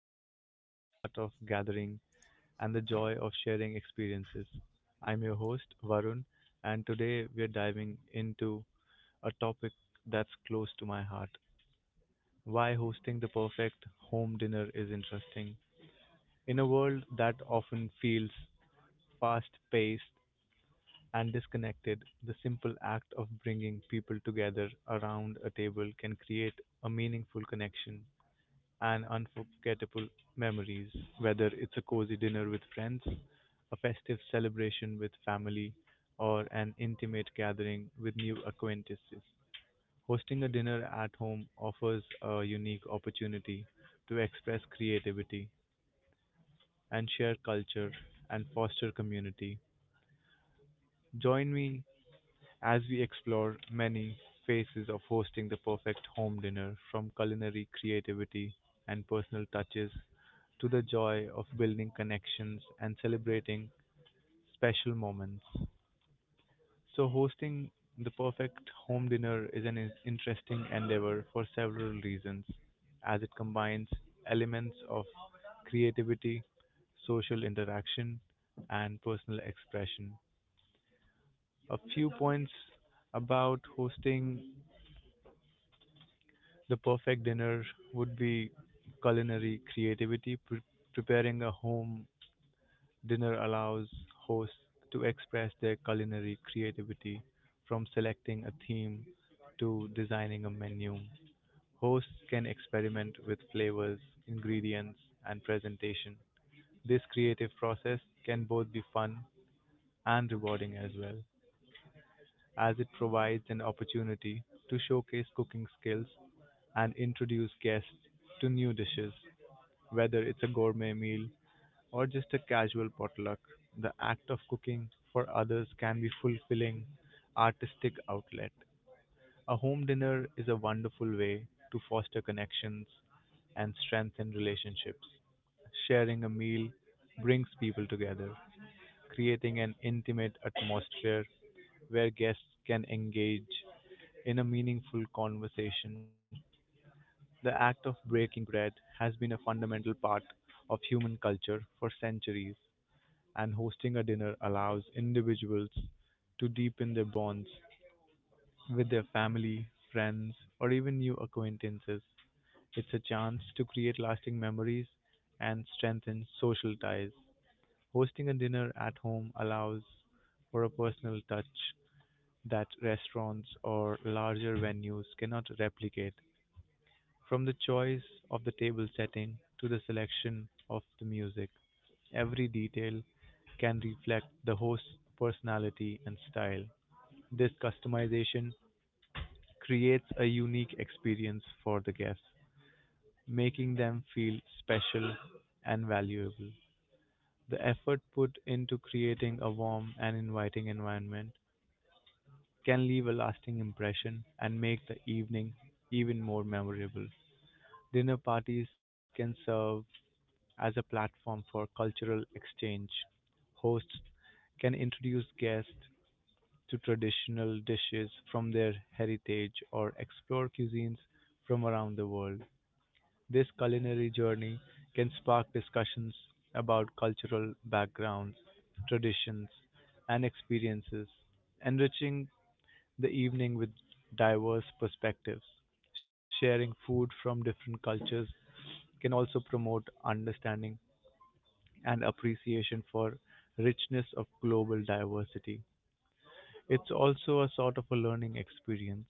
explore the art of gathering and the joy of sharing experiences. I'm your host Varun, and today we're diving into a topic that's close to my heart. Why hosting the perfect home dinner is interesting. In a world that often feels fast paced and disconnected, the simple act of bringing people together around a table can create a meaningful connection and unforgettable memories, whether it's a cozy dinner with friends, a festive celebration with family, or an intimate gathering with new acquaintances. Hosting a dinner at home offers a unique opportunity to express creativity and share culture and foster community. Join me as we explore many faces of hosting the perfect home dinner, from culinary creativity and personal touches to the joy of building connections and celebrating special moments. So, hosting the perfect home dinner is an interesting endeavor for several reasons, as it combines elements of creativity, social interaction, and personal expression. A few points about hosting the perfect dinner would be culinary creativity. Preparing a home dinner allows hosts to express their culinary creativity, from selecting a theme to designing a menu. Hosts can experiment with flavors, ingredients, and presentation. This creative process can both be fun and rewarding, as well as it provides an opportunity to showcase cooking skills and introduce guests to new dishes. Whether it's a gourmet meal or just a casual potluck, the act of cooking for others can be fulfilling artistic outlet. A home dinner is a wonderful way to foster connections and strengthen relationships. Sharing a meal brings people together, creating an intimate atmosphere where guests can engage in a meaningful conversation. The act of breaking bread has been a fundamental part of human culture for centuries, and hosting a dinner allows individuals to deepen their bonds with their family, friends, or even new acquaintances. It's a chance to create lasting memories and strengthen social ties. Hosting a dinner at home allows for a personal touch that restaurants or larger venues cannot replicate, from the choice of the table setting to the selection of the music. Every detail can reflect the host's personality and style. This customization creates a unique experience for the guests, making them feel special and valuable. The effort put into creating a warm and inviting environment can leave a lasting impression and make the evening even more memorable. Dinner parties can serve as a platform for cultural exchange. Hosts can introduce guests to traditional dishes from their heritage or explore cuisines from around the world. This culinary journey can spark discussions about cultural backgrounds, traditions, and experiences, enriching the evening with diverse perspectives. Sharing food from different cultures can also promote understanding and appreciation for richness of global diversity. It's also a sort of a learning experience.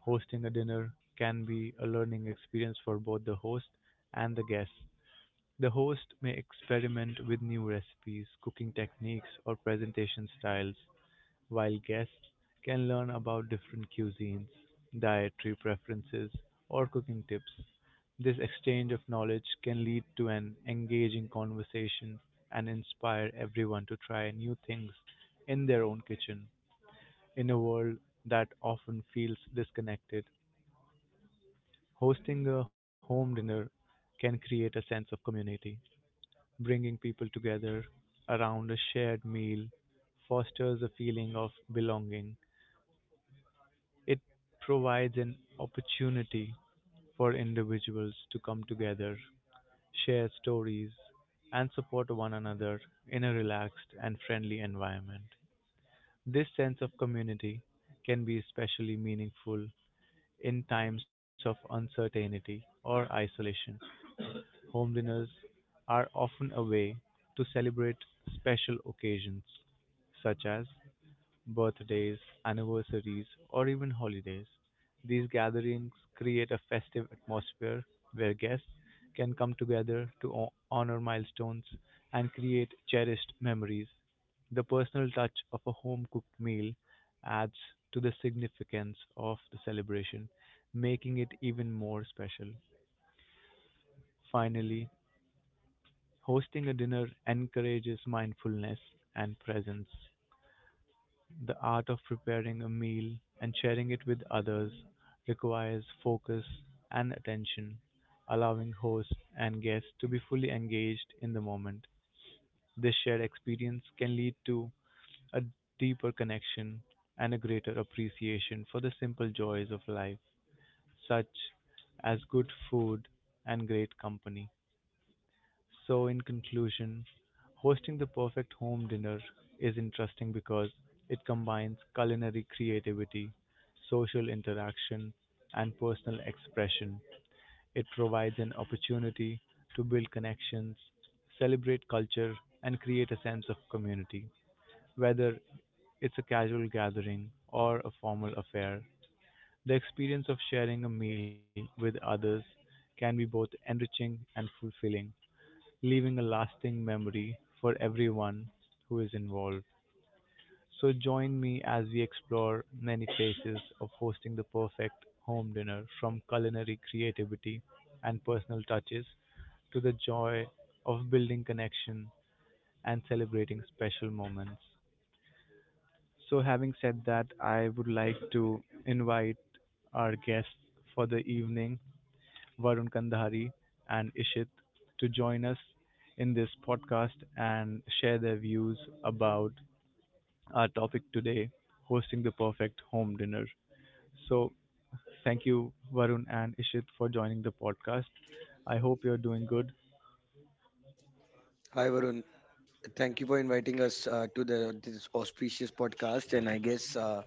Hosting a dinner can be a learning experience for both the host and the guests. The host may experiment with new recipes, cooking techniques, or presentation styles, while guests can learn about different cuisines, dietary preferences, or cooking tips. This exchange of knowledge can lead to an engaging conversation and inspire everyone to try new things in their own kitchen. In a world that often feels disconnected, hosting a home dinner can create a sense of community. Bringing people together around a shared meal fosters a feeling of belonging. It provides an opportunity for individuals to come together, share stories, and support one another in a relaxed and friendly environment. This sense of community can be especially meaningful in times of uncertainty or isolation. Home dinners are often a way to celebrate special occasions, such as birthdays, anniversaries, or even holidays. These gatherings create a festive atmosphere where guests can come together to honor milestones and create cherished memories. The personal touch of a home cooked meal adds to the significance of the celebration, making it even more special. Finally, hosting a dinner encourages mindfulness and presence. The art of preparing a meal and sharing it with others requires focus and attention, allowing host and guests to be fully engaged in the moment. This shared experience can lead to a deeper connection and a greater appreciation for the simple joys of life, such as good food and great company. So, in conclusion, hosting the perfect home dinner is interesting because it combines culinary creativity, social interaction, and personal expression. It provides an opportunity to build connections, celebrate culture, and create a sense of community. Whether it's a casual gathering or a formal affair, the experience of sharing a meal with others can be both enriching and fulfilling, leaving a lasting memory for everyone who is involved. So join me as we explore many faces of hosting the perfect home dinner, from culinary creativity and personal touches to the joy of building connection and celebrating special moments. So, having said that, I would like to invite our guests for the evening, Varun Kandhari and Ishit, to join us in this podcast and share their views about our topic today, hosting the perfect home dinner. So, thank you, Varun and Ishit, for joining the podcast. I hope you're doing good. Hi Varun, thank you for inviting us to the this auspicious podcast. And I guess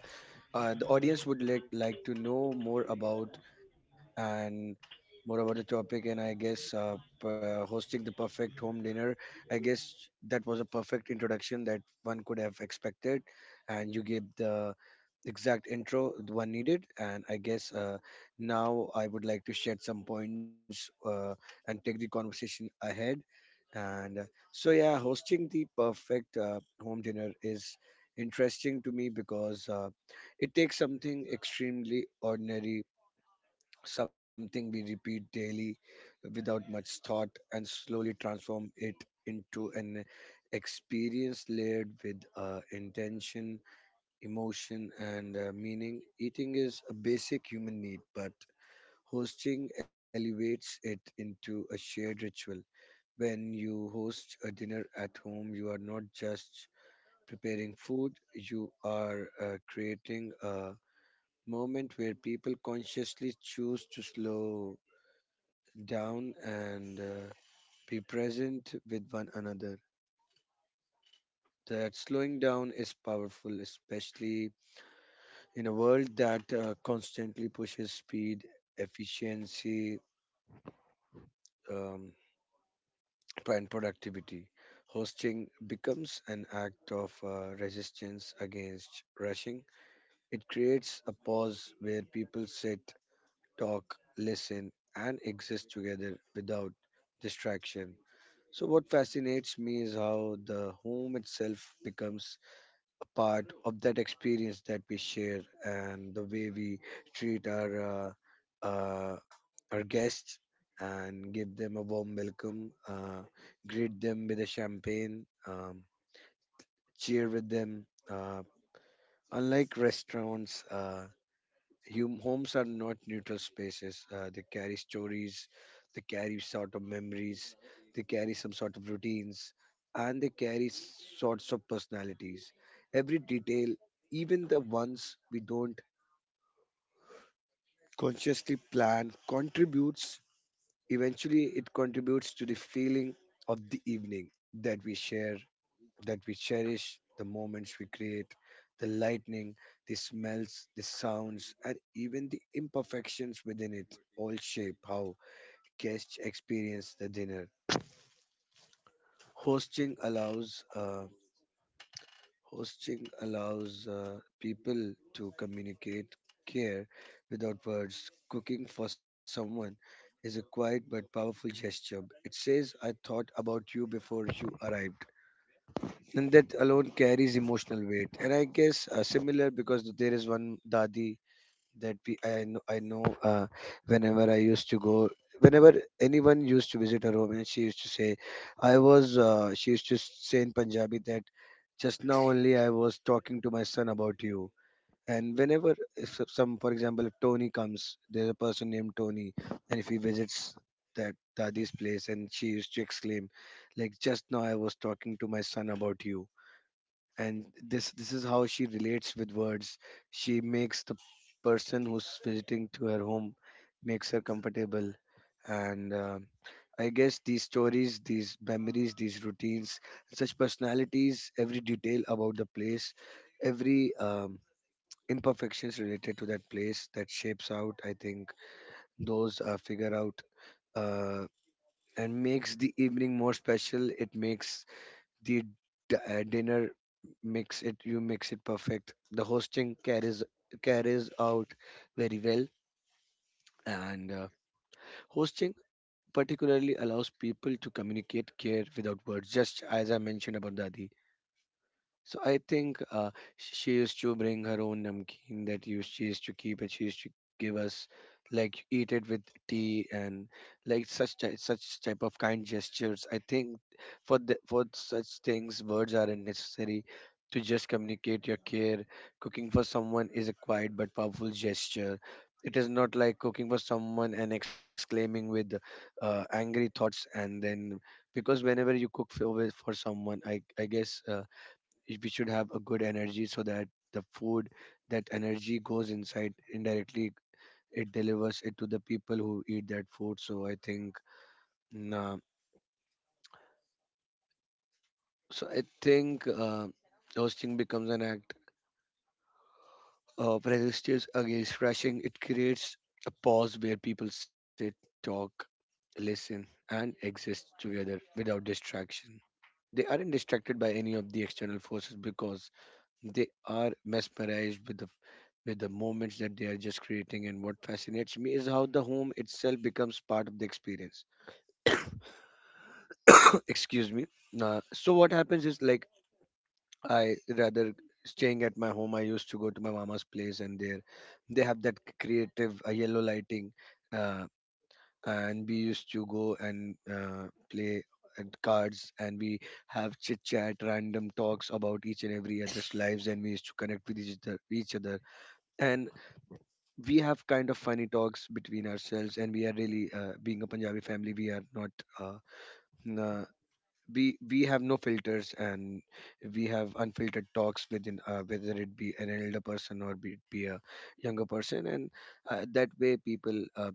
the audience would like to know more about and more about the topic. And I guess hosting the perfect home dinner. I guess that was a perfect introduction that one could have expected, and you gave the exact intro the one needed, and I guess now I would like to shed some points and take the conversation ahead, and so yeah, hosting the perfect home dinner is interesting to me because it takes something extremely ordinary, something we repeat daily without much thought, and slowly transform it into an experience layered with intention, emotion, and meaning. Eating is a basic human need, but hosting elevates it into a shared ritual. When you host a dinner at home, you are not just preparing food, you are creating a moment where people consciously choose to slow down and be present with one another. That slowing down is powerful, especially in a world that constantly pushes speed, efficiency, um, and productivity. Hosting becomes an act of resistance against rushing. It creates a pause where people sit, talk, listen, and exist together without distraction. So, what fascinates me is how the home itself becomes a part of that experience that we share, and the way we treat our guests and give them a warm welcome, greet them with a champagne, cheer with them. Unlike restaurants, homes are not neutral spaces. They carry stories, they carry sort of memories, they carry some sort of routines, and they carry sorts of personalities. Every detail, even the ones we don't consciously plan, contributes. Eventually, it contributes to the feeling of the evening that we share, that we cherish, the moments we create, the lightning, the smells, the sounds, and even the imperfections within it all shape how guests experience the dinner. Hosting allows uh, Hosting allows people to communicate care without words. Cooking for someone is a quiet but powerful gesture. It says, "I thought about you before you arrived," and that alone carries emotional weight. And I guess similar, because there is one dadi that we I know, whenever I used to go, whenever anyone used to visit her home, and she used to say, she used to say in Punjabi that just now only I was talking to my son about you. And whenever, if some, for example, if Tony comes, there's a person named Tony, and if he visits that dadi's place, and she used to exclaim, like, just now I was talking to my son about you, and this is how she relates with words. She makes the person who's visiting to her home, makes her comfortable. And I guess these stories, these memories, these routines, such personalities, every detail about the place, every imperfections related to that place that shapes out, I think those figure out uh, and makes the evening more special. It makes the dinner mix it, you mix it perfect. The hosting carries out very well. And hosting particularly allows people to communicate care without words, just as I mentioned about dadi. So I think she used to bring her own namkeen that you she used to keep, and she used to give us, like, eat it with tea, and like such such type of kind gestures. I think for for such things, words aren't necessary to just communicate your care. Cooking for someone is a quiet but powerful gesture. It is not like cooking for someone and exclaiming with angry thoughts and then, because whenever you cook for, for someone, I guess. We should have a good energy so that the food, that energy goes inside, indirectly it delivers it to the people who eat that food. So I think nah, so I think hosting becomes an act of resistance against rushing. It creates a pause where people sit, talk, listen, and exist together without distraction. They aren't distracted by any of the external forces, because they are mesmerized with the moments that they are just creating. And what fascinates me is how the home itself becomes part of the experience. Excuse me. So what happens is, like, I rather staying at my home, I used to go to my mama's place, and there they have that creative yellow lighting, uh, and we used to go and play at cards, and we have chit chat, random talks about each and every other's lives, and we used to connect with each other, and we have kind of funny talks between ourselves. And we are really being a Punjabi family, we are not uh, n- uh, we have no filters, and we have unfiltered talks within, whether it be an elder person or be a younger person, and that way people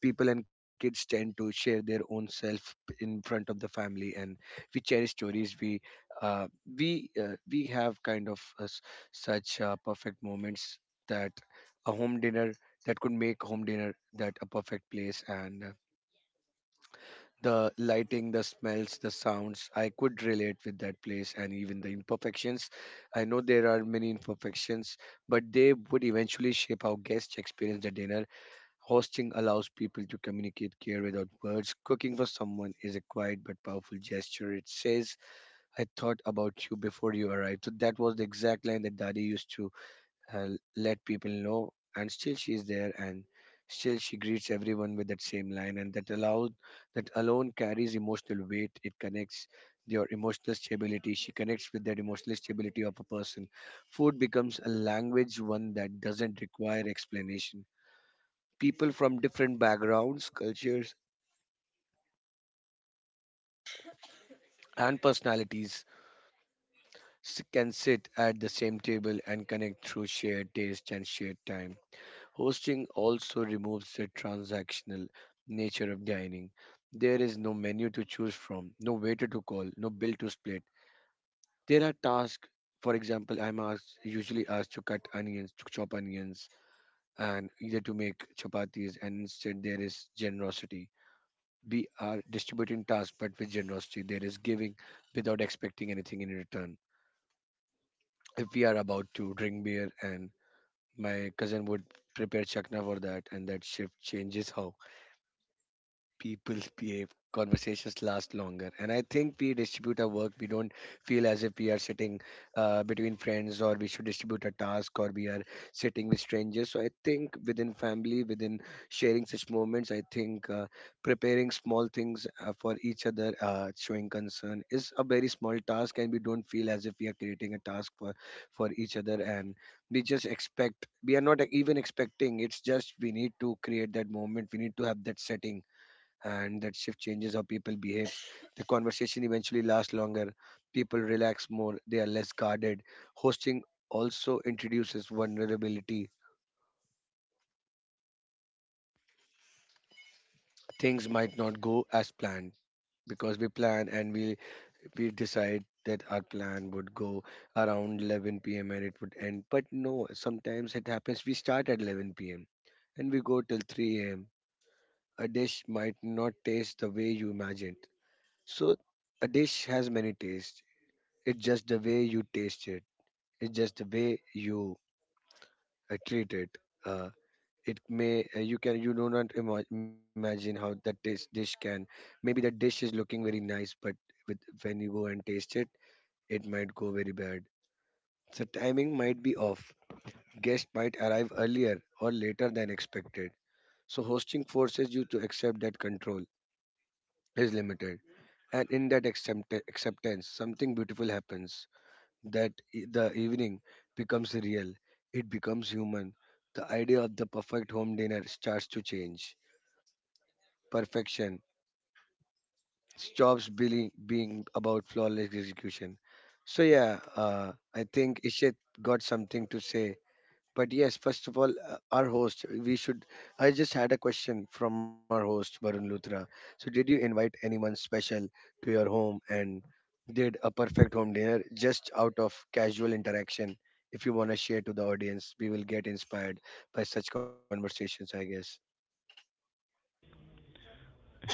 people and kids tend to share their own self in front of the family, and we cherish stories. Uh, we we have kind of such perfect moments that a home dinner, that could make home dinner, that a perfect place. And the lighting, the smells, the sounds, I could relate with that place. And even the imperfections, I know there are many imperfections, but they would eventually shape how guests experience the dinner. Hosting allows people to communicate care without words. Cooking for someone is a quiet but powerful gesture. It says, I thought about you before you arrived. So that was the exact line that dadi used to uh, let people know. And still she is there, and still she greets everyone with that same line. And that alone carries emotional weight. It connects your emotional stability. She connects with that emotional stability of a person. Food becomes a language, one that doesn't require explanation. People from different backgrounds, cultures, and personalities can sit at the same table and connect through shared taste and shared time. Hosting also removes the transactional nature of dining. There is no menu to choose from, no waiter to call, no bill to split. There are tasks. For example, I'm usually asked to cut onions, to chop onions, and either to make chapatis, and instead there is generosity. We are distributing tasks, but with generosity, there is giving without expecting anything in return. If we are about to drink beer, and my cousin would prepare chakna for that, and that shift changes how people's behave, conversations last longer. And I think we distribute our work. We don't feel as if we are sitting between friends, or we should distribute a task, or we are sitting with strangers. So I think within family, within sharing such moments, I think preparing small things for each other, showing concern is a very small task. And we don't feel as if we are creating a task for each other. And we just expect, we are not even expecting. It's just we need to create that moment. We need to have that setting, and that shift changes how people behave. The conversation eventually lasts longer, people relax more, they are less guarded. Hosting also introduces vulnerability. Things might not go as planned, because we plan and we decide that our plan would go around 11 p.m. and it would end. But no, sometimes it happens. We start at 11 p.m. and we go till 3 a.m. A dish might not taste the way you imagined. So, a dish has many tastes. It's just the way you taste it. It's just the way you treat it. Uh, it may, you can, you do not imagine how that taste dish can. Maybe that dish is looking very nice, but with, when you go and taste it, it might go very bad. So timing might be off. Guests might arrive earlier or later than expected. So hosting forces you to accept that control is limited, and in that acceptance, something beautiful happens. The evening becomes real, it becomes human. The idea of the perfect home dinner starts to change. Perfection stops being about flawless execution. So, yeah, I think Ishet got something to say, but yes, first of all, our host, we should. I just had a question from our host, Varun Luthra. So, did you invite anyone special to your home and did a perfect home dinner just out of casual interaction? If you want to share to the audience, we will get inspired by such conversations, I guess.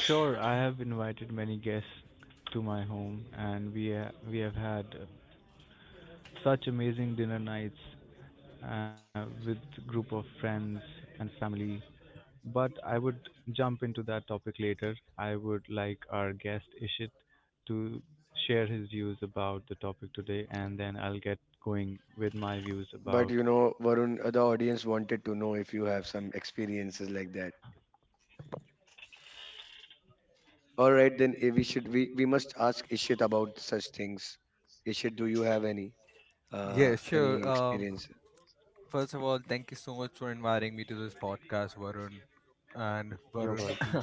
Sure, I have invited many guests to my home, and we have had such amazing dinner nights with group of friends and family. But I would jump into that topic later. I would like our guest Ishit to share his views about the topic today, and then I'll get going with my views about. Varun, the audience wanted to know if you have some experiences like that. All right, then we should we must ask Ishit about such things. Ishit, do you have any experience? You're welcome.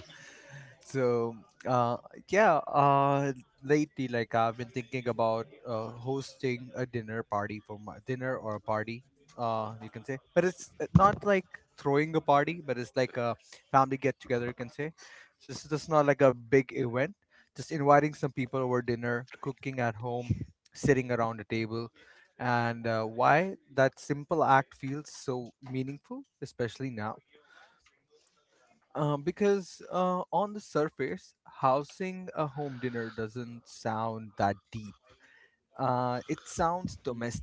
Mm.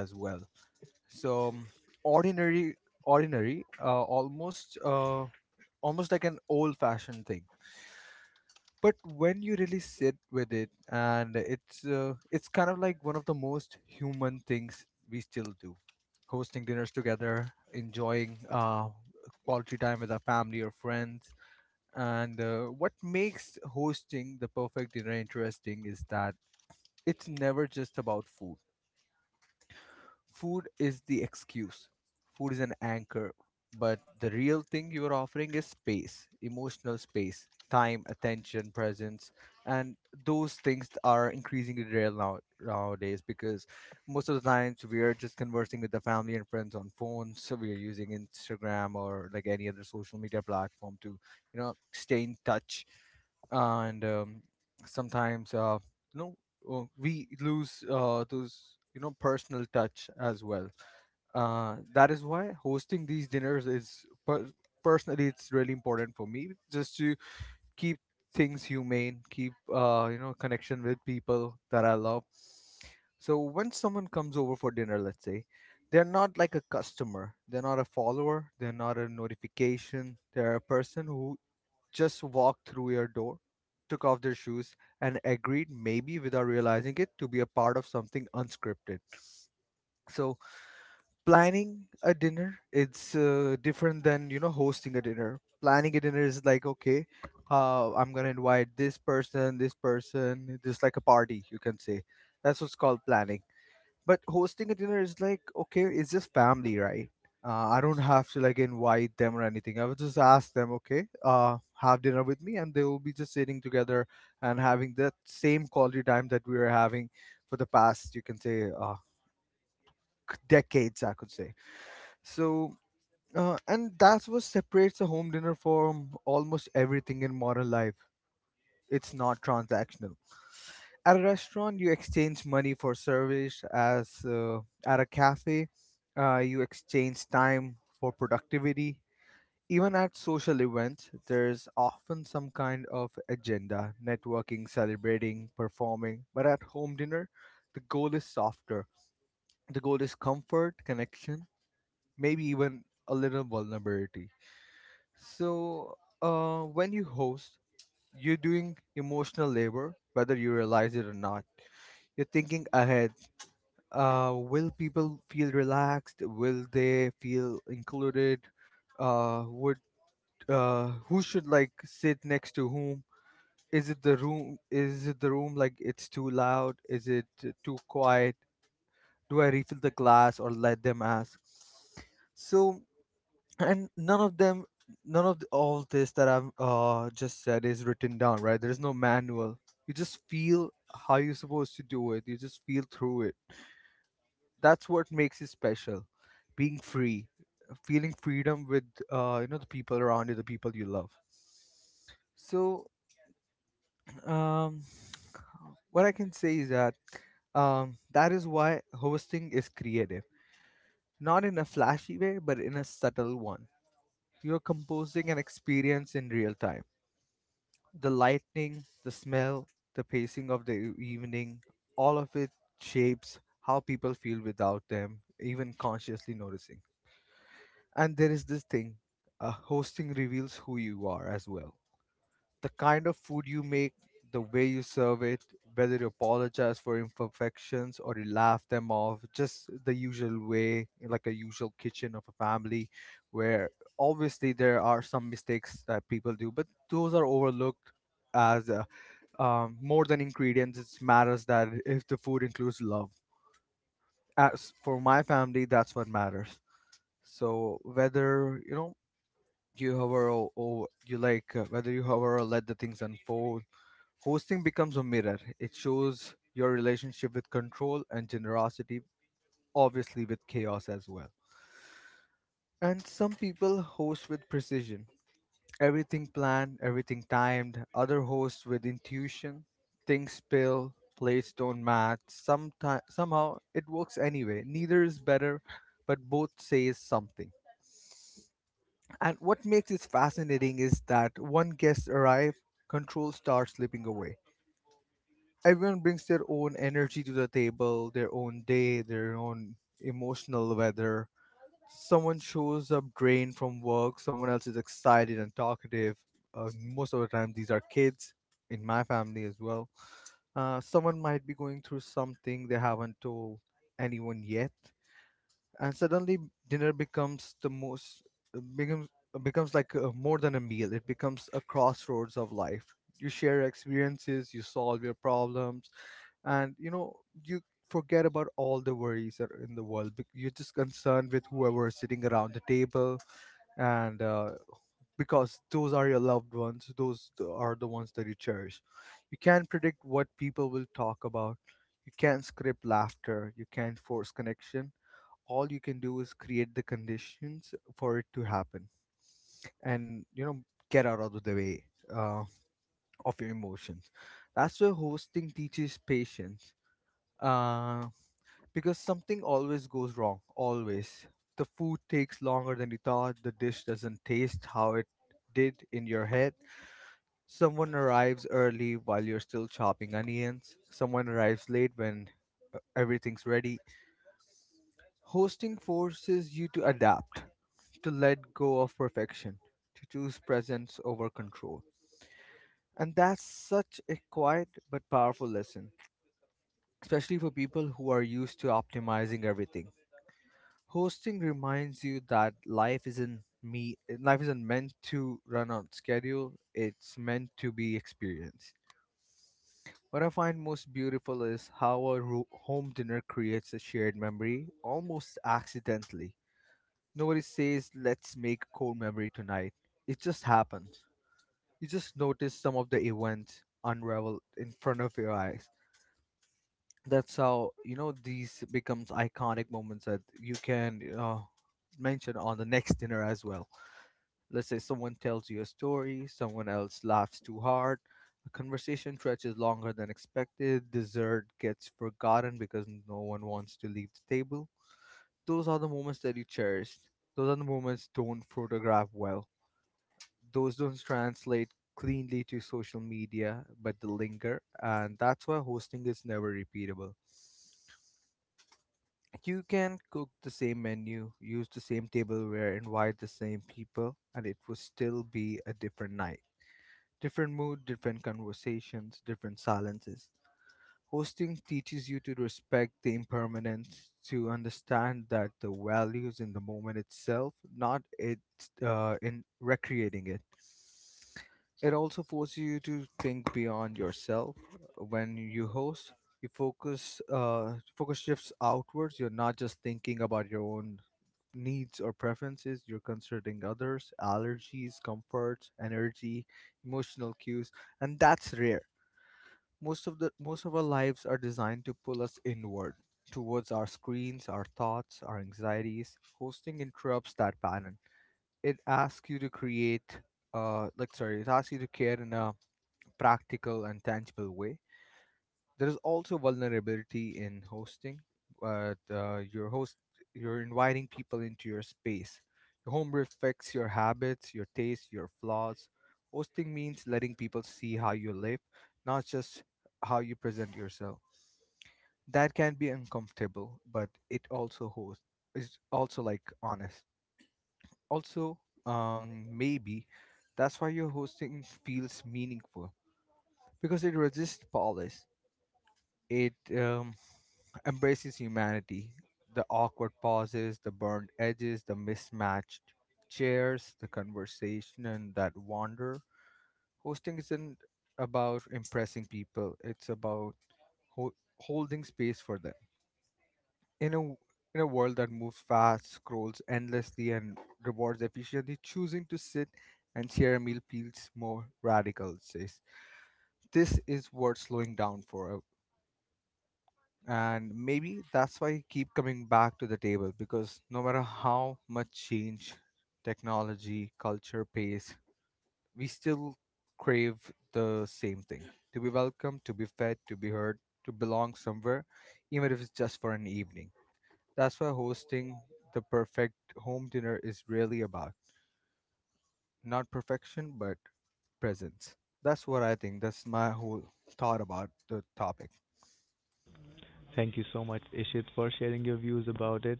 Thank you so much, Ishit, for sharing your views about it.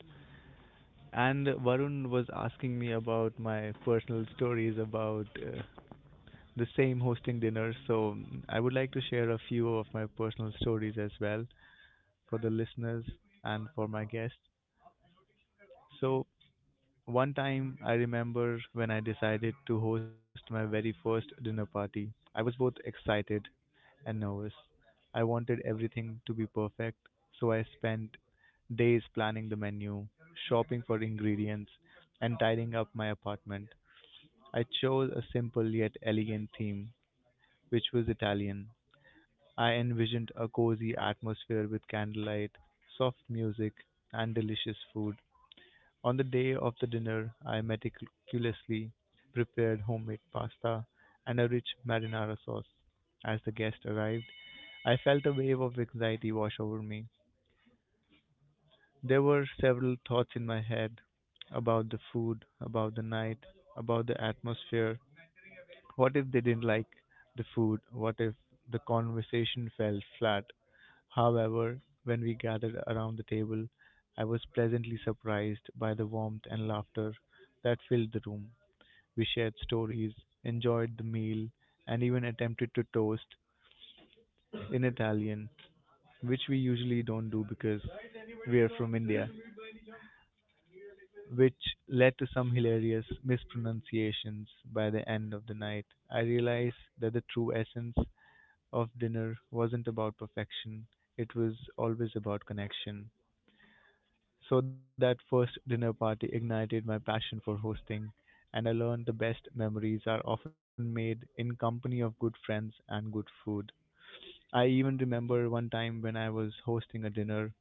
And Varun was asking me about my personal stories about the same hosting dinner, so I would like to share a few of my personal stories as well for the listeners and for my guests. So, one time I remember when I decided to host my very first dinner party. I was both excited and nervous. I wanted everything to be perfect, so I spent days planning the menu, shopping for ingredients, and tidying up my apartment. I chose a simple yet elegant theme, which was Italian. I envisioned a cozy atmosphere with candlelight, soft music, and delicious food. On the day of the dinner, I meticulously prepared homemade pasta and a rich marinara sauce. As the guest arrived, I felt a wave of anxiety wash over me. There were several thoughts in my head about the food, about the night, about the atmosphere. What if they didn't like the food? What if the conversation fell flat? However, when we gathered around the table, I was pleasantly surprised by the warmth and laughter that filled the room. We shared stories, enjoyed the meal, and even attempted to toast in Italian, which we usually don't do because we are from India, which led to some hilarious mispronunciations. By the end of the night, I realized that the true essence of dinner wasn't about perfection, it was always about connection. So that first dinner party ignited my passion for hosting, and I learned the best memories are often made in company of good friends and good food. I even remember one time when I was hosting a dinner,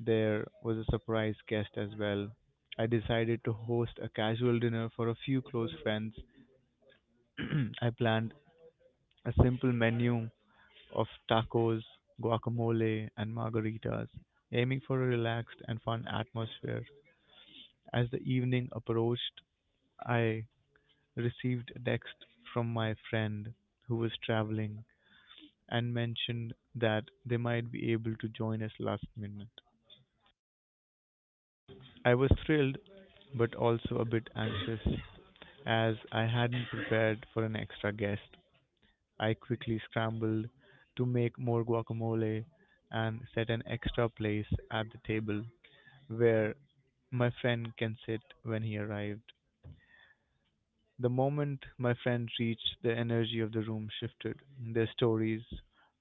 there was a surprise guest as well. I decided to host a casual dinner for a few close friends. I planned a simple menu of tacos, guacamole, and margaritas, aiming for a relaxed and fun atmosphere. As the evening approached, I received a text from my friend who was traveling and mentioned that they might be able to join us last minute. I was thrilled but also a bit anxious, as I hadn't prepared for an extra guest. I quickly scrambled to make more guacamole and set an extra place at the table where my friend can sit when he arrived. The moment my friend reached, the energy of the room shifted. Their stories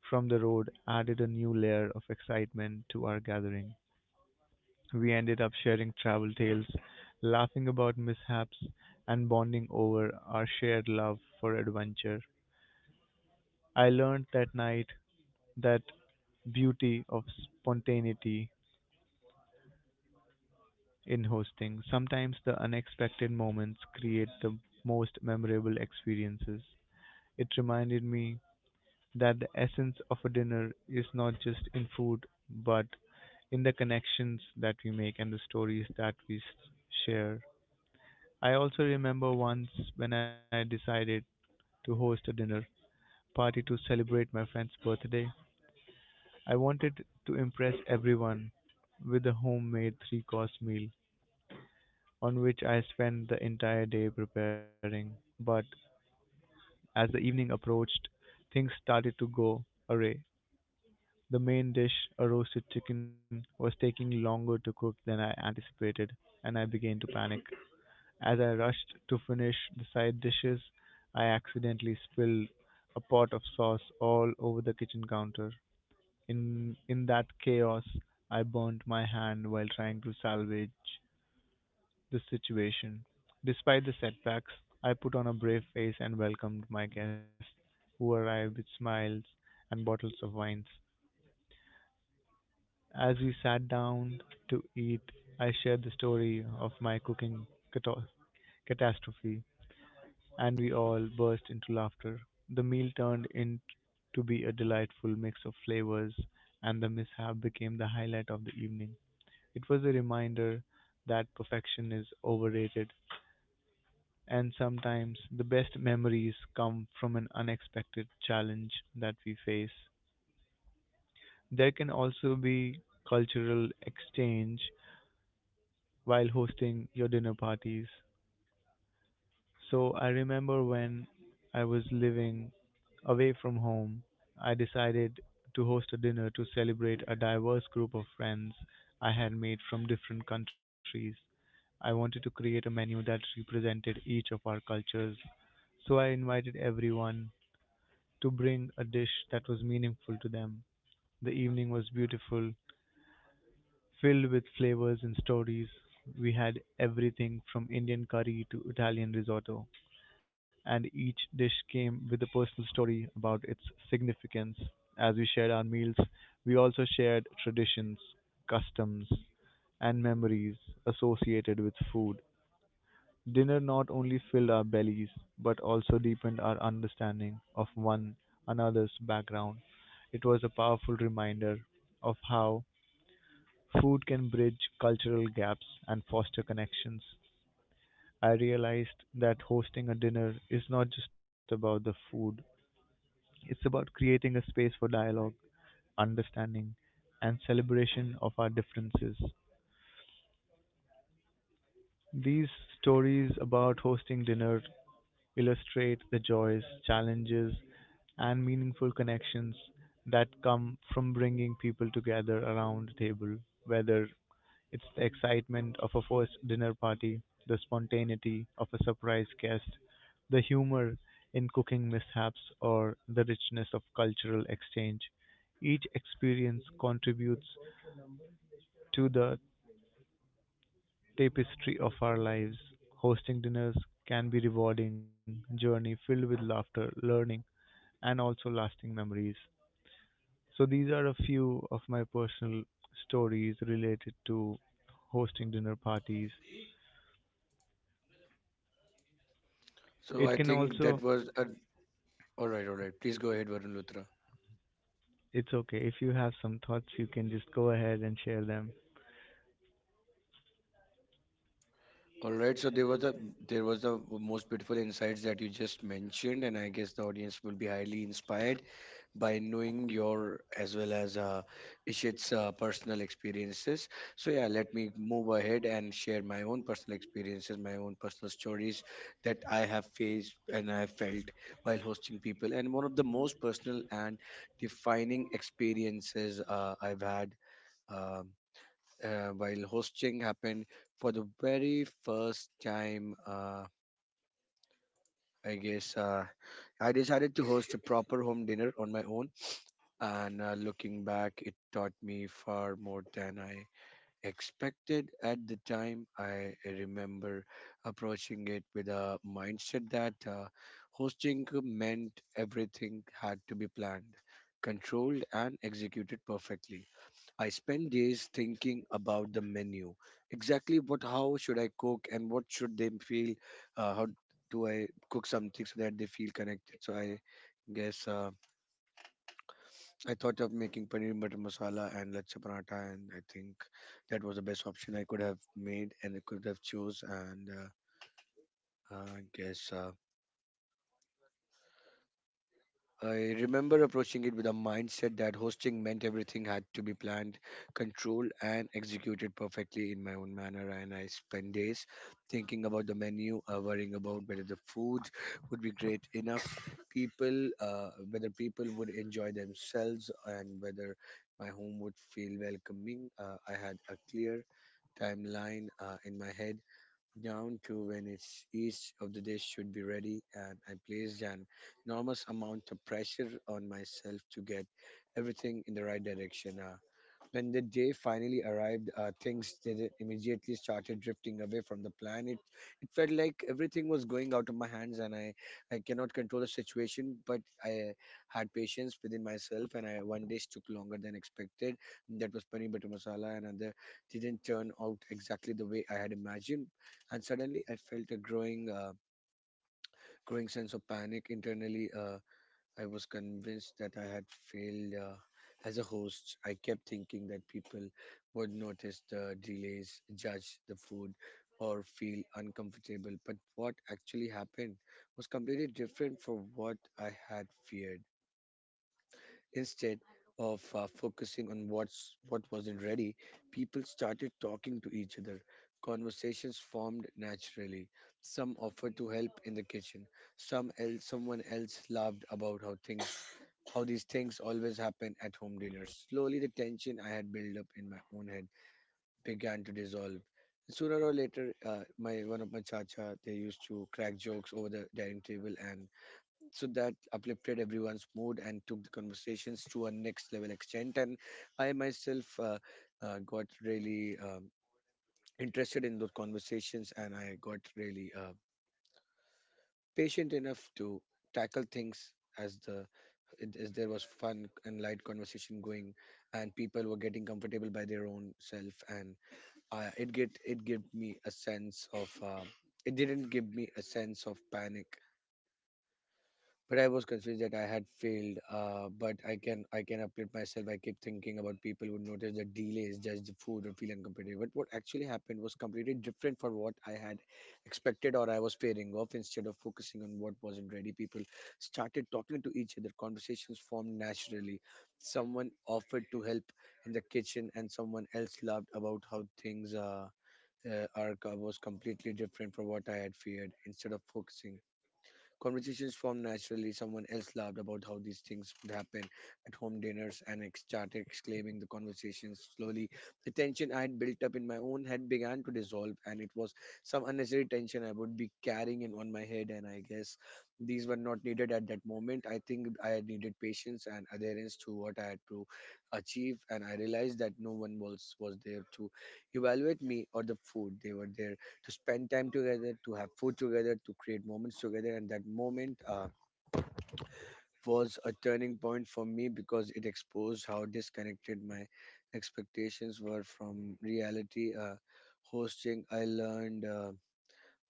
from the road added a new layer of excitement to our gathering. We ended up sharing travel tales, laughing about mishaps, and bonding over our shared love for adventure. I learned that night that beauty of spontaneity in hosting. Sometimes the unexpected moments create the most memorable experiences. It reminded me that the essence of a dinner is not just in food, but in the connections that we make and the stories that we share. I also remember once when I decided to host a dinner party to celebrate my friend's birthday. I wanted to impress everyone with a homemade three course meal, on which I spent the entire day preparing. But as the evening approached, things started to go awry. The main dish, a roasted chicken, was taking longer to cook than I anticipated, and I began to panic. As I rushed to finish the side dishes, I accidentally spilled a pot of sauce all over the kitchen counter. In that chaos, I burned my hand while trying to salvage the situation. Despite the setbacks, I put on a brave face and welcomed my guests, who arrived with smiles and bottles of wines. As we sat down to eat, I shared the story of my cooking cato- catastrophe, and we all burst into laughter. The meal turned into be a delightful mix of flavors, and the mishap became the highlight of the evening. It was a reminder that perfection is overrated, and sometimes the best memories come from an unexpected challenge that we face. There can also be cultural exchange while hosting your dinner parties. I remember when I was living away from home, I decided to host a dinner to celebrate a diverse group of friends I had made from different countries. I wanted to create a menu that represented each of our cultures, so I invited everyone to bring a dish that was meaningful to them. The evening was beautiful, filled with flavors and stories. We had everything from Indian curry to Italian risotto, and each dish came with a personal story about its significance. As we shared our meals, we also shared traditions, customs, and memories associated with food. Dinner not only filled our bellies, but also deepened our understanding of one another's background. It was a powerful reminder of how food can bridge cultural gaps and foster connections. I realized that hosting a dinner is not just about the food, it's about creating a space for dialogue, understanding, and celebration of our differences. These stories about hosting dinner illustrate the joys, challenges, and meaningful connections that come from bringing people together around a table, whether it's the excitement of a first dinner party, the spontaneity of a surprise guest, the humor in cooking mishaps, or the richness of cultural exchange. Each experience contributes to the tapestry of our lives. Hosting dinners can be rewarding journey filled with laughter, learning, and also lasting memories. So these are a few of my personal stories related to hosting dinner parties. So It I can think that also was a, all right. All right, please go ahead, Varun Luthra. It's okay. If you have some thoughts, you can just go ahead and share them. All right, so there was a the most beautiful insights that you just mentioned, and I guess the audience will be highly inspired by knowing your as well as Ishit's personal experiences. So yeah, let me move ahead and share my own personal experiences, my own personal stories that I have faced and I have felt while hosting people. And one of the most personal and defining experiences I've had um while hosting happened for the very first time. I guess I decided to host a proper home dinner on my own, and looking back, it taught me far more than I expected at the time. I remember approaching it with a mindset that hosting meant everything had to be planned, controlled, and executed perfectly. I spend days thinking about the menu. Exactly what, how should I cook and what should they feel? How do I cook something so that they feel connected? So I guess I thought of making paneer butter masala and lachcha paratha, and I think that was the best option I could have made and I could have chose. And I guess I remember approaching it with a mindset that hosting meant everything had to be planned, controlled, and executed perfectly in my own manner. And I spent days thinking about the menu, worrying about whether the food would be great enough, whether people would enjoy themselves, and whether my home would feel welcoming. I had a clear timeline in my head down to when it's each of the dish should be ready, and I placed an enormous amount of pressure on myself to get everything in the right direction. When the day finally arrived, things did immediately started drifting away from the plan. It felt like everything was going out of my hands, and I cannot control the situation. But I had patience within myself, and I one dish took longer than expected. That was paneer butter masala, and another didn't turn out exactly the way I had imagined. And suddenly, I felt a growing sense of panic internally. I was convinced that I had failed as a host. I kept thinking that people would notice the delays, judge the food, or feel uncomfortable. But what actually happened was completely different from what I had feared. Instead of focusing on what wasn't ready, people started talking to each other. Conversations formed naturally. Some offered to help in the kitchen. Someone else laughed about how these things always happen at home dinners. Slowly, the tension I had built up in my own head began to dissolve. Sooner or later, my one of my chacha they used to crack jokes over the dining table, and so that uplifted everyone's mood and took the conversations to a next level extent. And I myself got really interested in those conversations, and I got really patient enough to tackle things as the it, is there was fun and light conversation going and people were getting comfortable by their own self, and it gave me a sense of it didn't give me a sense of panic, but I was confused that I had failed. But I can update myself. I keep thinking about people would notice the delays, judge the food, or feel uncompetitive. But what actually happened was completely different for what I had expected or I was pairing off. Instead of focusing on what wasn't ready, people started talking to each other. Conversations formed naturally. Someone offered to help in the kitchen, and someone else laughed about how things are was completely different from what I had feared. Instead of focusing Conversations formed naturally. Someone else laughed about how these things would happen at home dinners and started exclaiming the conversations slowly. The tension I had built up in my own head began to dissolve, and it was some unnecessary tension I would be carrying in on my head. And I guess these were not needed at that moment. I think I had needed patience and adherence to what I had to achieve, and I realized that no one was there to evaluate me or the food. They were there to spend time together, to have food together, to create moments together. And that moment was a turning point for me because it exposed how disconnected my expectations were from reality. Hosting, I learned,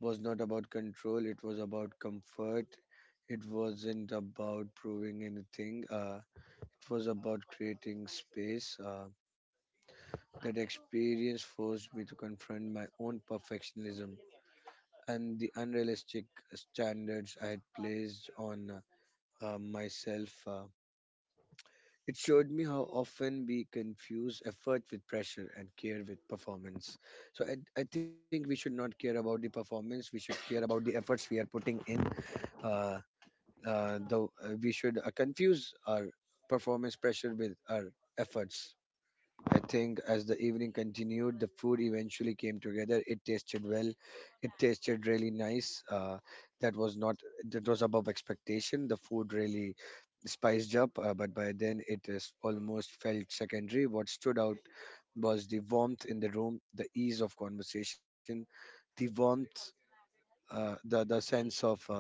was not about control, it was about comfort. It wasn't about proving anything. It was about creating space. That experience forced me to confront my own perfectionism and the unrealistic standards I had placed on myself. It showed me how often we confuse effort with pressure and care with performance. So I think we should not care about the performance. We should care about the efforts we are putting in. Uh, we should confuse our performance pressure with our efforts. I think as the evening continued, the food eventually came together. It tasted well. It tasted really nice. That was not that was above expectation. The food really spiced up, but by then it is almost felt secondary. What stood out was the warmth in the room, the ease of conversation, the warmth, the sense of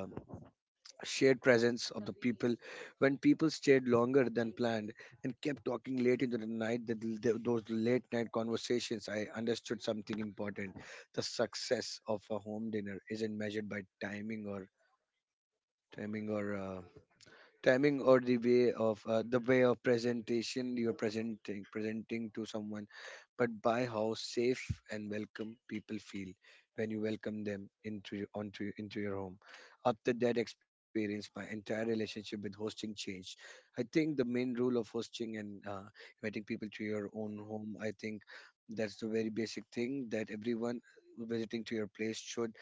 shared presence of the people when people stayed longer than planned and kept talking late into the night that those late night conversations I understood something important: the success of a home dinner isn't measured by timing or timing or uh, timing or the way of presentation you're presenting to someone, but by how safe and welcome people feel when you welcome them into into your home. After that experience, my entire relationship with hosting changed. I think the main rule of hosting and inviting people to your own home, I think that's the very basic thing, that everyone visiting to your place should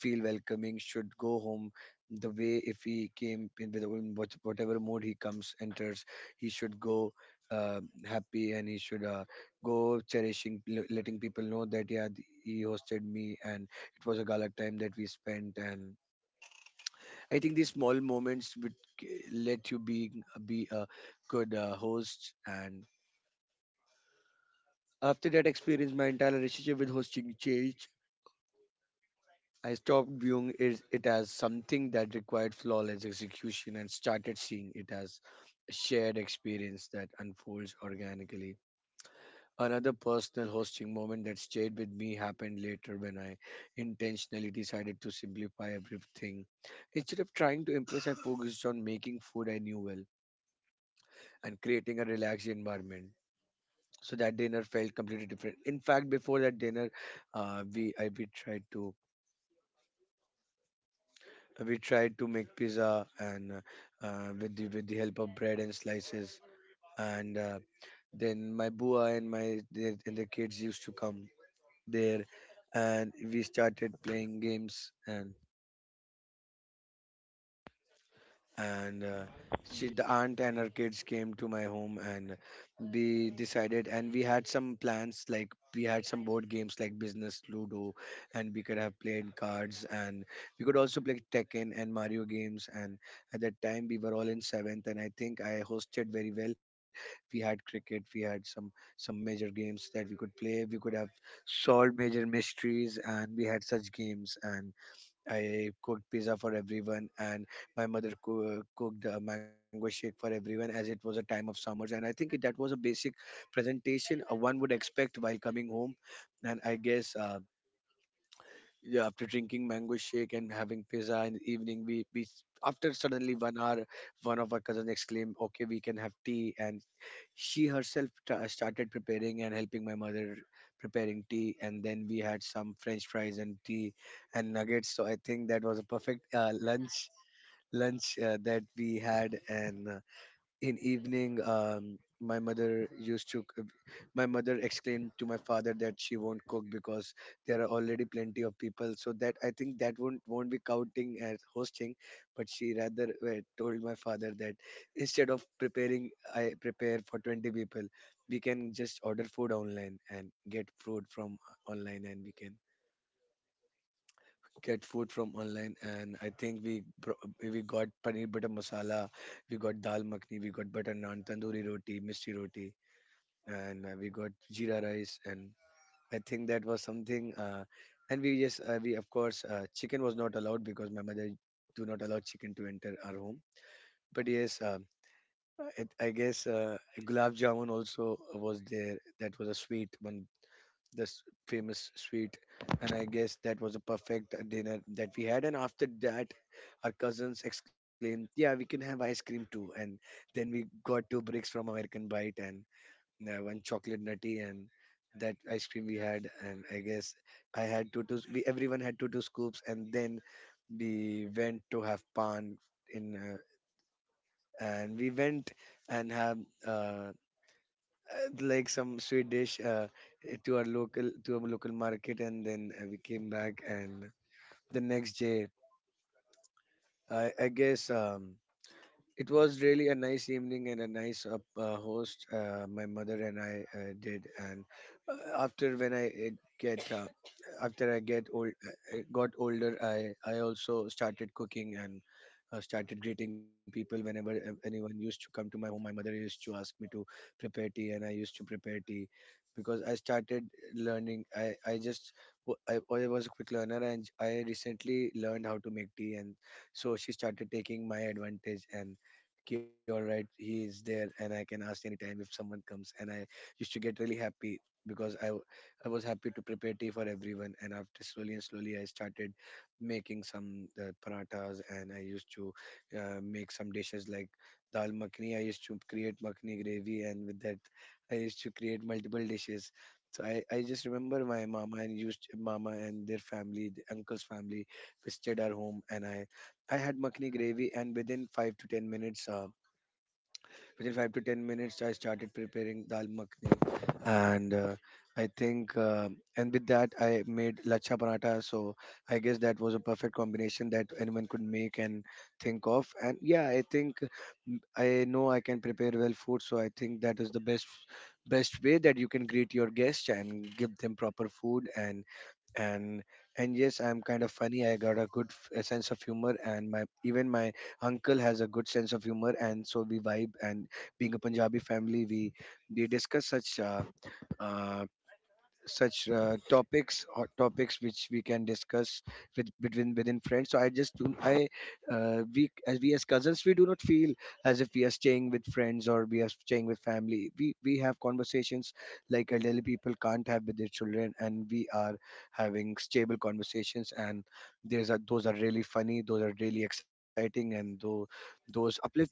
feel welcoming, should go home the way if he came in with in what, whatever mood he comes enters, he should go uh, happy, and he should go cherishing letting people know that yeah he hosted me and it was a gala time that we spent, and I think these small moments would let you be a good host. And after that experience, my entire relationship with hosting changed. I stopped viewing it as something that required flawless execution and started seeing it as a shared experience that unfolds organically. Another personal hosting moment that stayed with me happened later when I intentionally decided to simplify everything. Instead of trying to impress, I focused on making food I knew well and creating a relaxed environment. So that dinner felt completely different. In fact, before that dinner, we tried to make pizza, and with the help of bread and slices, and then my bua and their kids used to come there, and we started playing games. And she, the aunt and her kids came to my home, and we decided and we had some plans like we had some board games like business ludo, and we could have played cards, and we could also play Tekken and Mario games, and at that time we were all in 7th, and I think I hosted very well. We had cricket, we had some major games that we could play, we could have solved major mysteries, and we had such games. And I cooked pizza for everyone, and my mother cooked a mango shake for everyone as it was a time of summers. And I think that was a basic presentation one would expect while coming home. And I guess yeah, after drinking mango shake and having pizza in the evening, after suddenly 1 hour, one of our cousins exclaimed, "Okay, we can have tea," and she herself started preparing and helping my mother preparing tea, and then we had some french fries and tea and nuggets. So I think that was a perfect lunch that we had. And in evening, my mother explained to my father that she won't cook because there are already plenty of people, so that I think that won't be counting as hosting. But she rather told my father that instead of preparing I prepare for 20 people, we can just order food online and get food from online and we can get food from online. And I think we got paneer butter masala, we got dal makhni, we got butter naan, tandoori roti, misty roti, and we got jeera rice. And I think that was something, and we just we of course chicken was not allowed because my mother do not allow chicken to enter our home. But yes, it, I guess gulab jamun also was there, that was a sweet one, this famous sweet. And I guess that was a perfect dinner that we had. And after that, our cousins exclaimed, "Yeah, we can have ice cream too." And then we got two bricks from American Bite and one chocolate nutty, and that ice cream we had. And I guess I had two two we everyone had two two scoops, and then we went to have pan in and we went and have uh, like some sweet dish to our local market, and then we came back, and the next day, I guess. It was really a nice evening and a nice host my mother and I did. And after when I get after I get old, got older, I also started cooking and started greeting people whenever anyone used to come to my home. My mother used to ask me to prepare tea, and I used to prepare tea because I started learning. I just w- I was a quick learner, and I recently learned how to make tea, and so she started taking my advantage, and okay, all right, he is there and I can ask anytime if someone comes. And I used to get really happy because I was happy to prepare tea for everyone. And after slowly and slowly I started making some parathas, and I used to make some dishes like dal makhni. I used to create makhni gravy, and with that I used to create multiple dishes. So I just remember my mama and their family, the uncle's family, visited our home, and I had makhni gravy, and within 5 to 10 minutes, I started preparing dal makhni, and I think, and with that, I made lachha paratha. So I guess that was a perfect combination that anyone could make and think of. And yeah, I think, I know I can prepare well food, so I think that is the best way that you can greet your guests and give them proper food. And and and yes, I'm kind of funny, I got a good f- a sense of humor, and my even my uncle has a good sense of humor, and so we vibe. And being a punjabi family, we discuss such uh, such topics which we can discuss with between within friends. So I just do I we as cousins we do not feel as if we are staying with friends or we are staying with family. We have conversations like elderly people can't have with their children, and we are having stable conversations, and there's a those are really funny, those are really exciting, and though those uplift the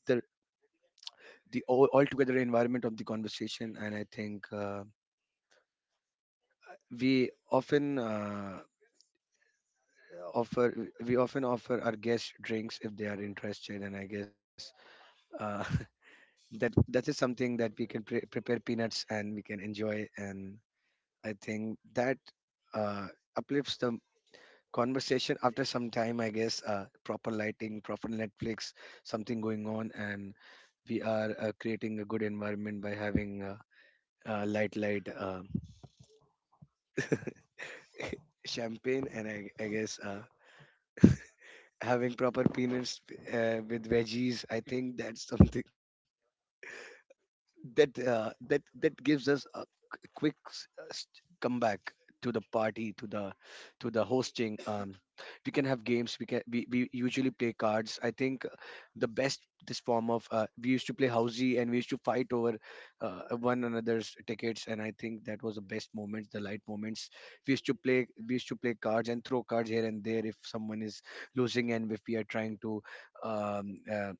altogether environment of the conversation. And I think we often uh, offer we often offer our guests drinks if they are interested. And I guess uh, that that is something that we can prepare peanuts and we can enjoy, and I think that uh, uplifts the conversation. After some time, I guess proper lighting, proper netflix, something going on, and we are creating a good environment by having light champagne, and I guess having proper peanuts with veggies, I think that's something that that gives us a quick comeback to the party, to the hosting. We can have games, we can we usually play cards. I think the best this form of we used to play housey, and we used to fight over one another's tickets, and I think that was the best moments, the light moments. We used to play, we used to play cards and throw cards here and there if someone is losing, and if we are trying to um, uh,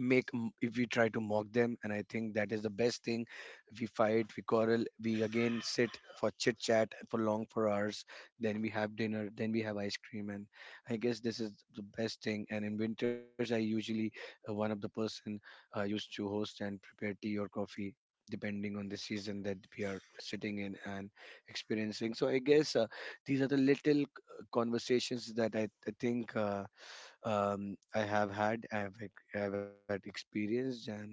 if we try to mock them. And I think that is the best thing. We fight, we quarrel, we again sit for chit chat for long for hours, then we have dinner, then we have ice cream, and I guess this is the best thing. And in winters I usually one of the person used to host and prepare tea or coffee depending on the season that we are sitting in and experiencing. So I guess these are the little conversations that I think I have had, I have had experienced, and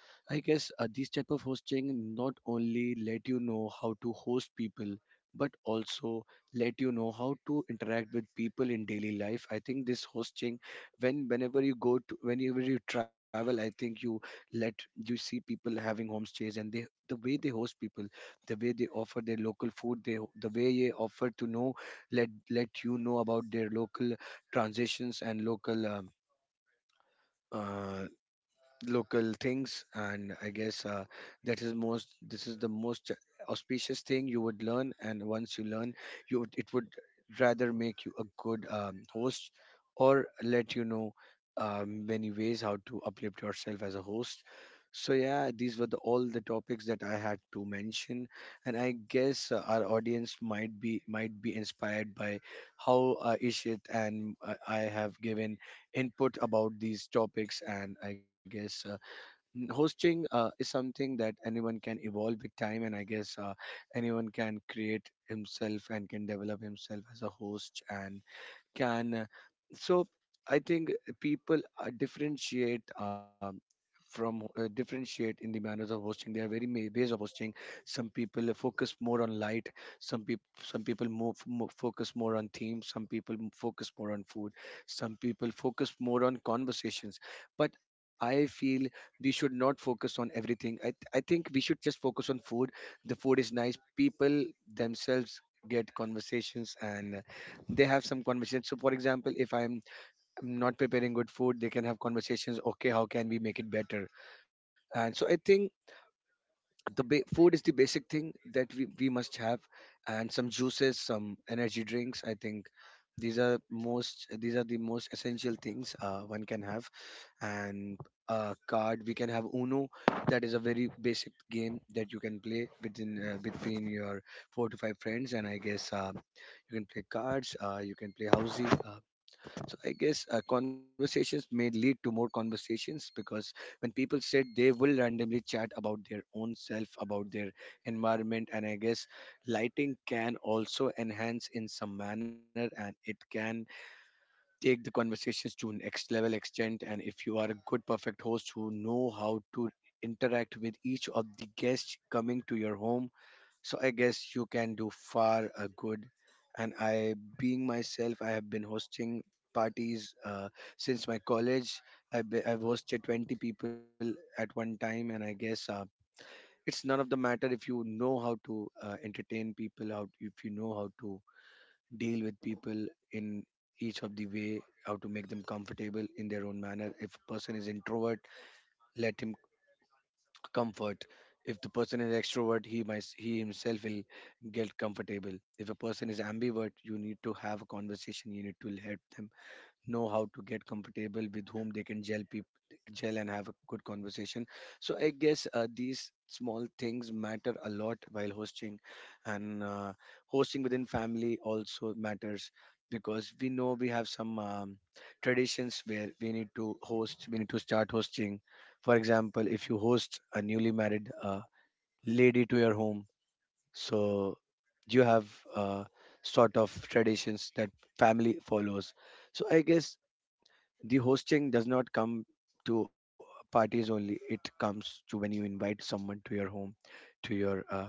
I guess this type of hosting not only let you know how to host people, but also let you know how to interact with people in daily life. I think this hosting, when whenever you go to whenever you travel, I think you let you see people having homestays, and they the way they host people, the way they offer their local food, they the way they offer to know let let you know about their local transitions and local. Uh, Local things, and I guess that is most this is the most auspicious thing you would learn. And once you learn, it would rather make you a good host or let you know many ways how to uplift yourself as a host. So yeah, these were the, all the topics that I had to mention, and I guess our audience might be inspired by how ishit and I have given input about these topics. And I guess hosting is something that anyone can evolve with time. And I guess anyone can create himself and can develop himself as a host, and can so I think people differentiate from differentiate in the manners of hosting. There are very many ways of hosting. Some people focus more on light, some people more focus more on theme, some people focus more on food, some people focus more on conversations. But I feel we should not focus on everything. I think we should just focus on food. The food is nice, people themselves get conversations and they have some conversations. So for example, if I'm not preparing good food, they can have conversations, okay, how can we make it better. And so I think the food is the basic thing that we must have, and some juices, some energy drinks, I think these are most these are the most essential things one can have. And a card we can have uno, that is a very basic game that you can play within between your four to five friends. And I guess you can play cards, you can play housey, so I guess conversations may lead to more conversations because when people sit, they will randomly chat about their own self, about their environment. And I guess lighting can also enhance in some manner, and it can take the conversations to next level extent. And if you are a good, perfect host who know how to interact with each of the guests coming to your home, so I guess you can do far a good. And I being myself, I have been hosting parties since my college I've hosted 20 people at one time. And I guess it's none of the matter if you know how to entertain people, how if you know how to deal with people in each of the way, how to make them comfortable in their own manner. If a person is introvert, let him comfort. If the person is extrovert, he might he himself will get comfortable. If a person is ambivert, you need to have a conversation, you need to help them know how to get comfortable with whom they can gel, people gel and have a good conversation. So I guess these small things matter a lot while hosting. And hosting within family also matters because we know we have some traditions where we need to host, we need to start hosting. For example, if you host a newly married lady to your home, so you have sort of traditions that family follows. So I guess the hosting does not come to parties only, it comes to when you invite someone to your home, to your uh,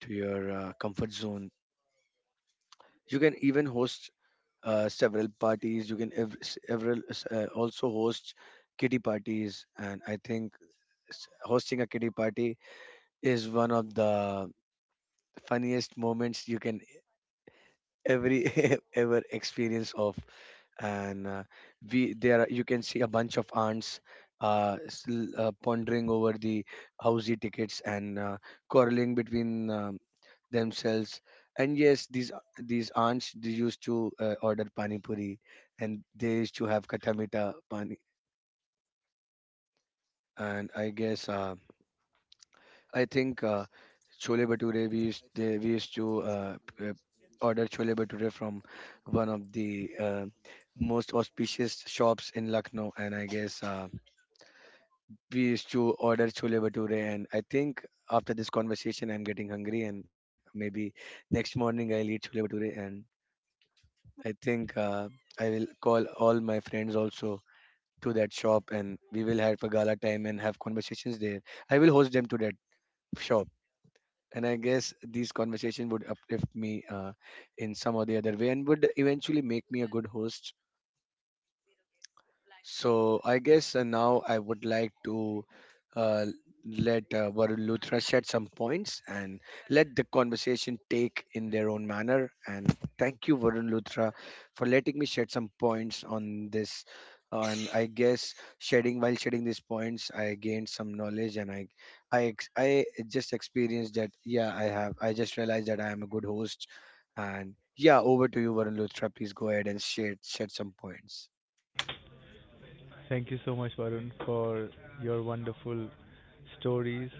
to your uh, comfort zone. You can even host several parties, you can several also host kitty parties. And I think hosting a kitty party is one of the funniest moments you can every ever experience of. And we you can see a bunch of ants pondering over the housey tickets and quarreling between themselves. And yes, these ants, they used to order pani puri, and they used to have katamita pani. And I guess I think chole bhature. We used to order chole bhature from one of the most auspicious shops in Lucknow, and I guess we used to order chole bhature. And I think after this conversation, I'm getting hungry, and maybe next morning I'll eat chole bhature. And I think I will call all my friends also to that shop, and we will have a gala time and have conversations there. I will host them to that shop. And I guess these conversations would uplift me in some or the other way and would eventually make me a good host. So I guess now I would like to uh, let Varun Luthra shed some points and let the conversation take in their own manner. And thank you, Varun Luthra, for letting me shed some points on this. And I guess shedding while shedding these points, I gained some knowledge and I just experienced that. Yeah, I have. I just realized that I am a good host. And yeah, over to you, Varun Luthra. Please go ahead and shed some points. Thank you so much, Varun, for your wonderful stories.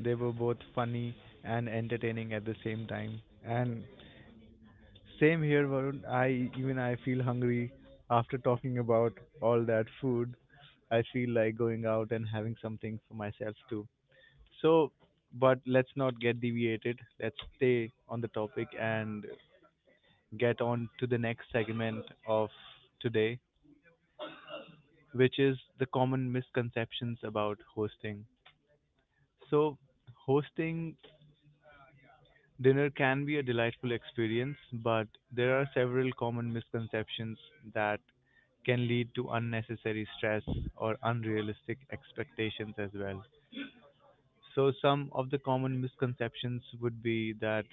They were both funny and entertaining at the same time. And same here, Varun. I feel hungry after talking about all that food. I feel like going out and having something for myself too. So, but let's not get deviated. Let's stay on the topic and get on to the next segment of today, which is the common misconceptions about hosting. So, hosting dinner can be a delightful experience, but there are several common misconceptions that can lead to unnecessary stress or unrealistic expectations as well. So, some of the common misconceptions would be that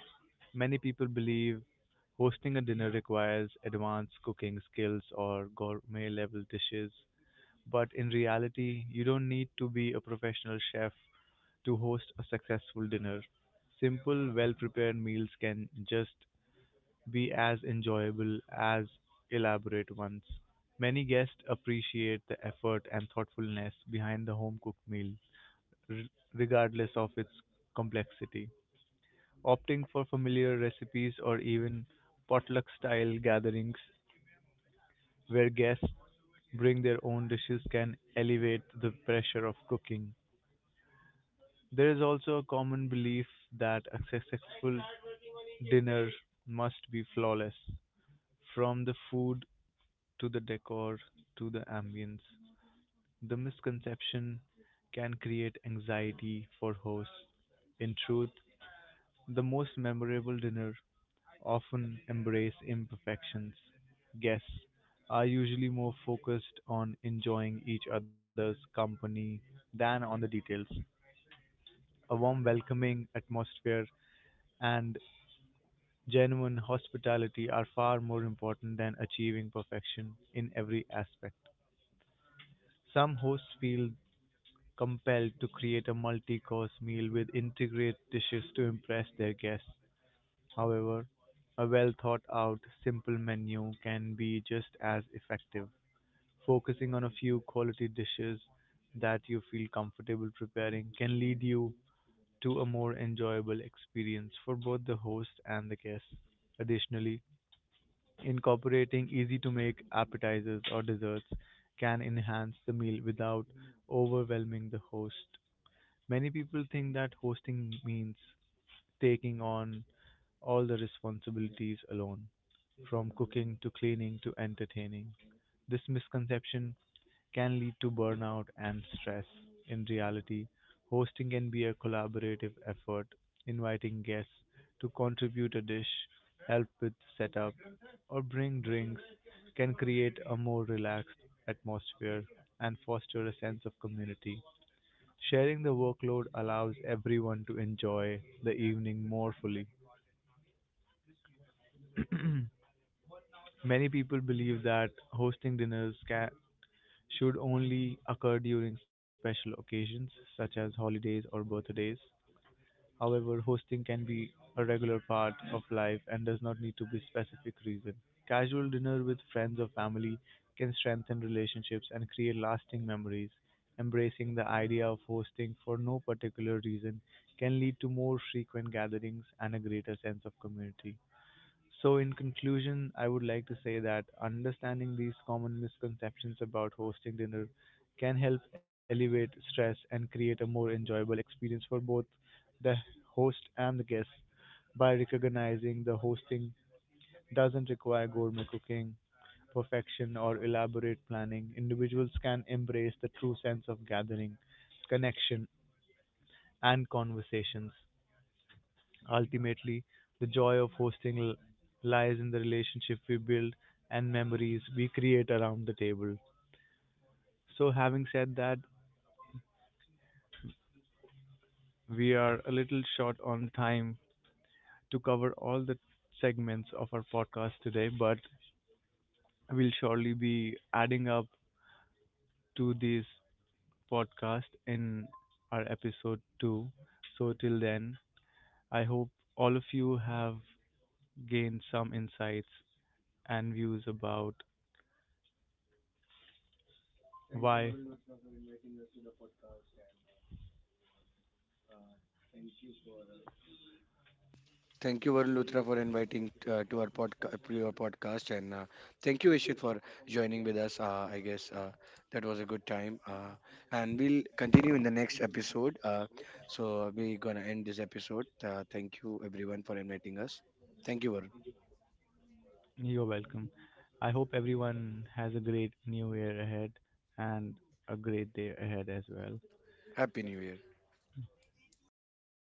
many people believe hosting a dinner requires advanced cooking skills or gourmet level dishes. But in reality, you don't need to be a professional chef to host a successful dinner. Simple, well prepared meals can just be as enjoyable as elaborate ones. Many guests appreciate the effort and thoughtfulness behind the home cooked meal, r- regardless of its complexity. Opting for familiar recipes or even potluck style gatherings where guests bring their own dishes can elevate the pressure of cooking. There is also a common belief that a successful dinner must be flawless, from the food to the decor to the ambience. The misconception can create anxiety for hosts. In truth, the most memorable dinner often embrace imperfections. Guests are usually more focused on enjoying each other's company than on the details. A warm, welcoming atmosphere and genuine hospitality are far more important than achieving perfection in every aspect. Some hosts feel compelled to create a multi course meal with intricate dishes to impress their guests. However, a well-thought-out, simple menu can be just as effective. Focusing on a few quality dishes that you feel comfortable preparing can lead you to a more enjoyable experience for both the host and the guest. Additionally, incorporating easy-to-make appetizers or desserts can enhance the meal without overwhelming the host. Many people think that hosting means taking on all the responsibilities alone, from cooking to cleaning to entertaining. This misconception can lead to burnout and stress. In reality, hosting can be a collaborative effort. Inviting guests to contribute a dish, help with setup, or bring drinks can create a more relaxed atmosphere and foster a sense of community. Sharing the workload allows everyone to enjoy the evening more fully. Many people believe that hosting dinners should only occur during special occasions such as holidays or birthdays. However, hosting can be a regular part of life and does not need to be specific reason. Casual dinner with friends or family can strengthen relationships and create lasting memories. Embracing the idea of hosting for no particular reason can lead to more frequent gatherings and a greater sense of community. So, in conclusion, I would like to say that understanding these common misconceptions about hosting dinner can help elevate stress and create a more enjoyable experience for both the host and the guest. By recognizing the hosting doesn't require gourmet cooking, perfection, or elaborate planning, individuals can embrace the true sense of gathering, connection, and conversations. Ultimately, the joy of hosting lies in the relationship we build and memories we create around the table. So, having said that, we are a little short on time to cover all the segments of our podcast today, but we'll surely be adding up to this podcast in our episode 2. So, till then, I hope all of you have gained some insights and views about why Thank you, Varun Luthra, for inviting to our podcast, to your podcast, and thank you, Ishit, for joining with us. I guess that was a good time, and we'll continue in the next episode. So we're gonna end this episode. Thank you, everyone, for inviting us. Thank you, Varun. you're welcome. I hope everyone has a great new year ahead and a great day ahead as well. Happy New Year. See you then.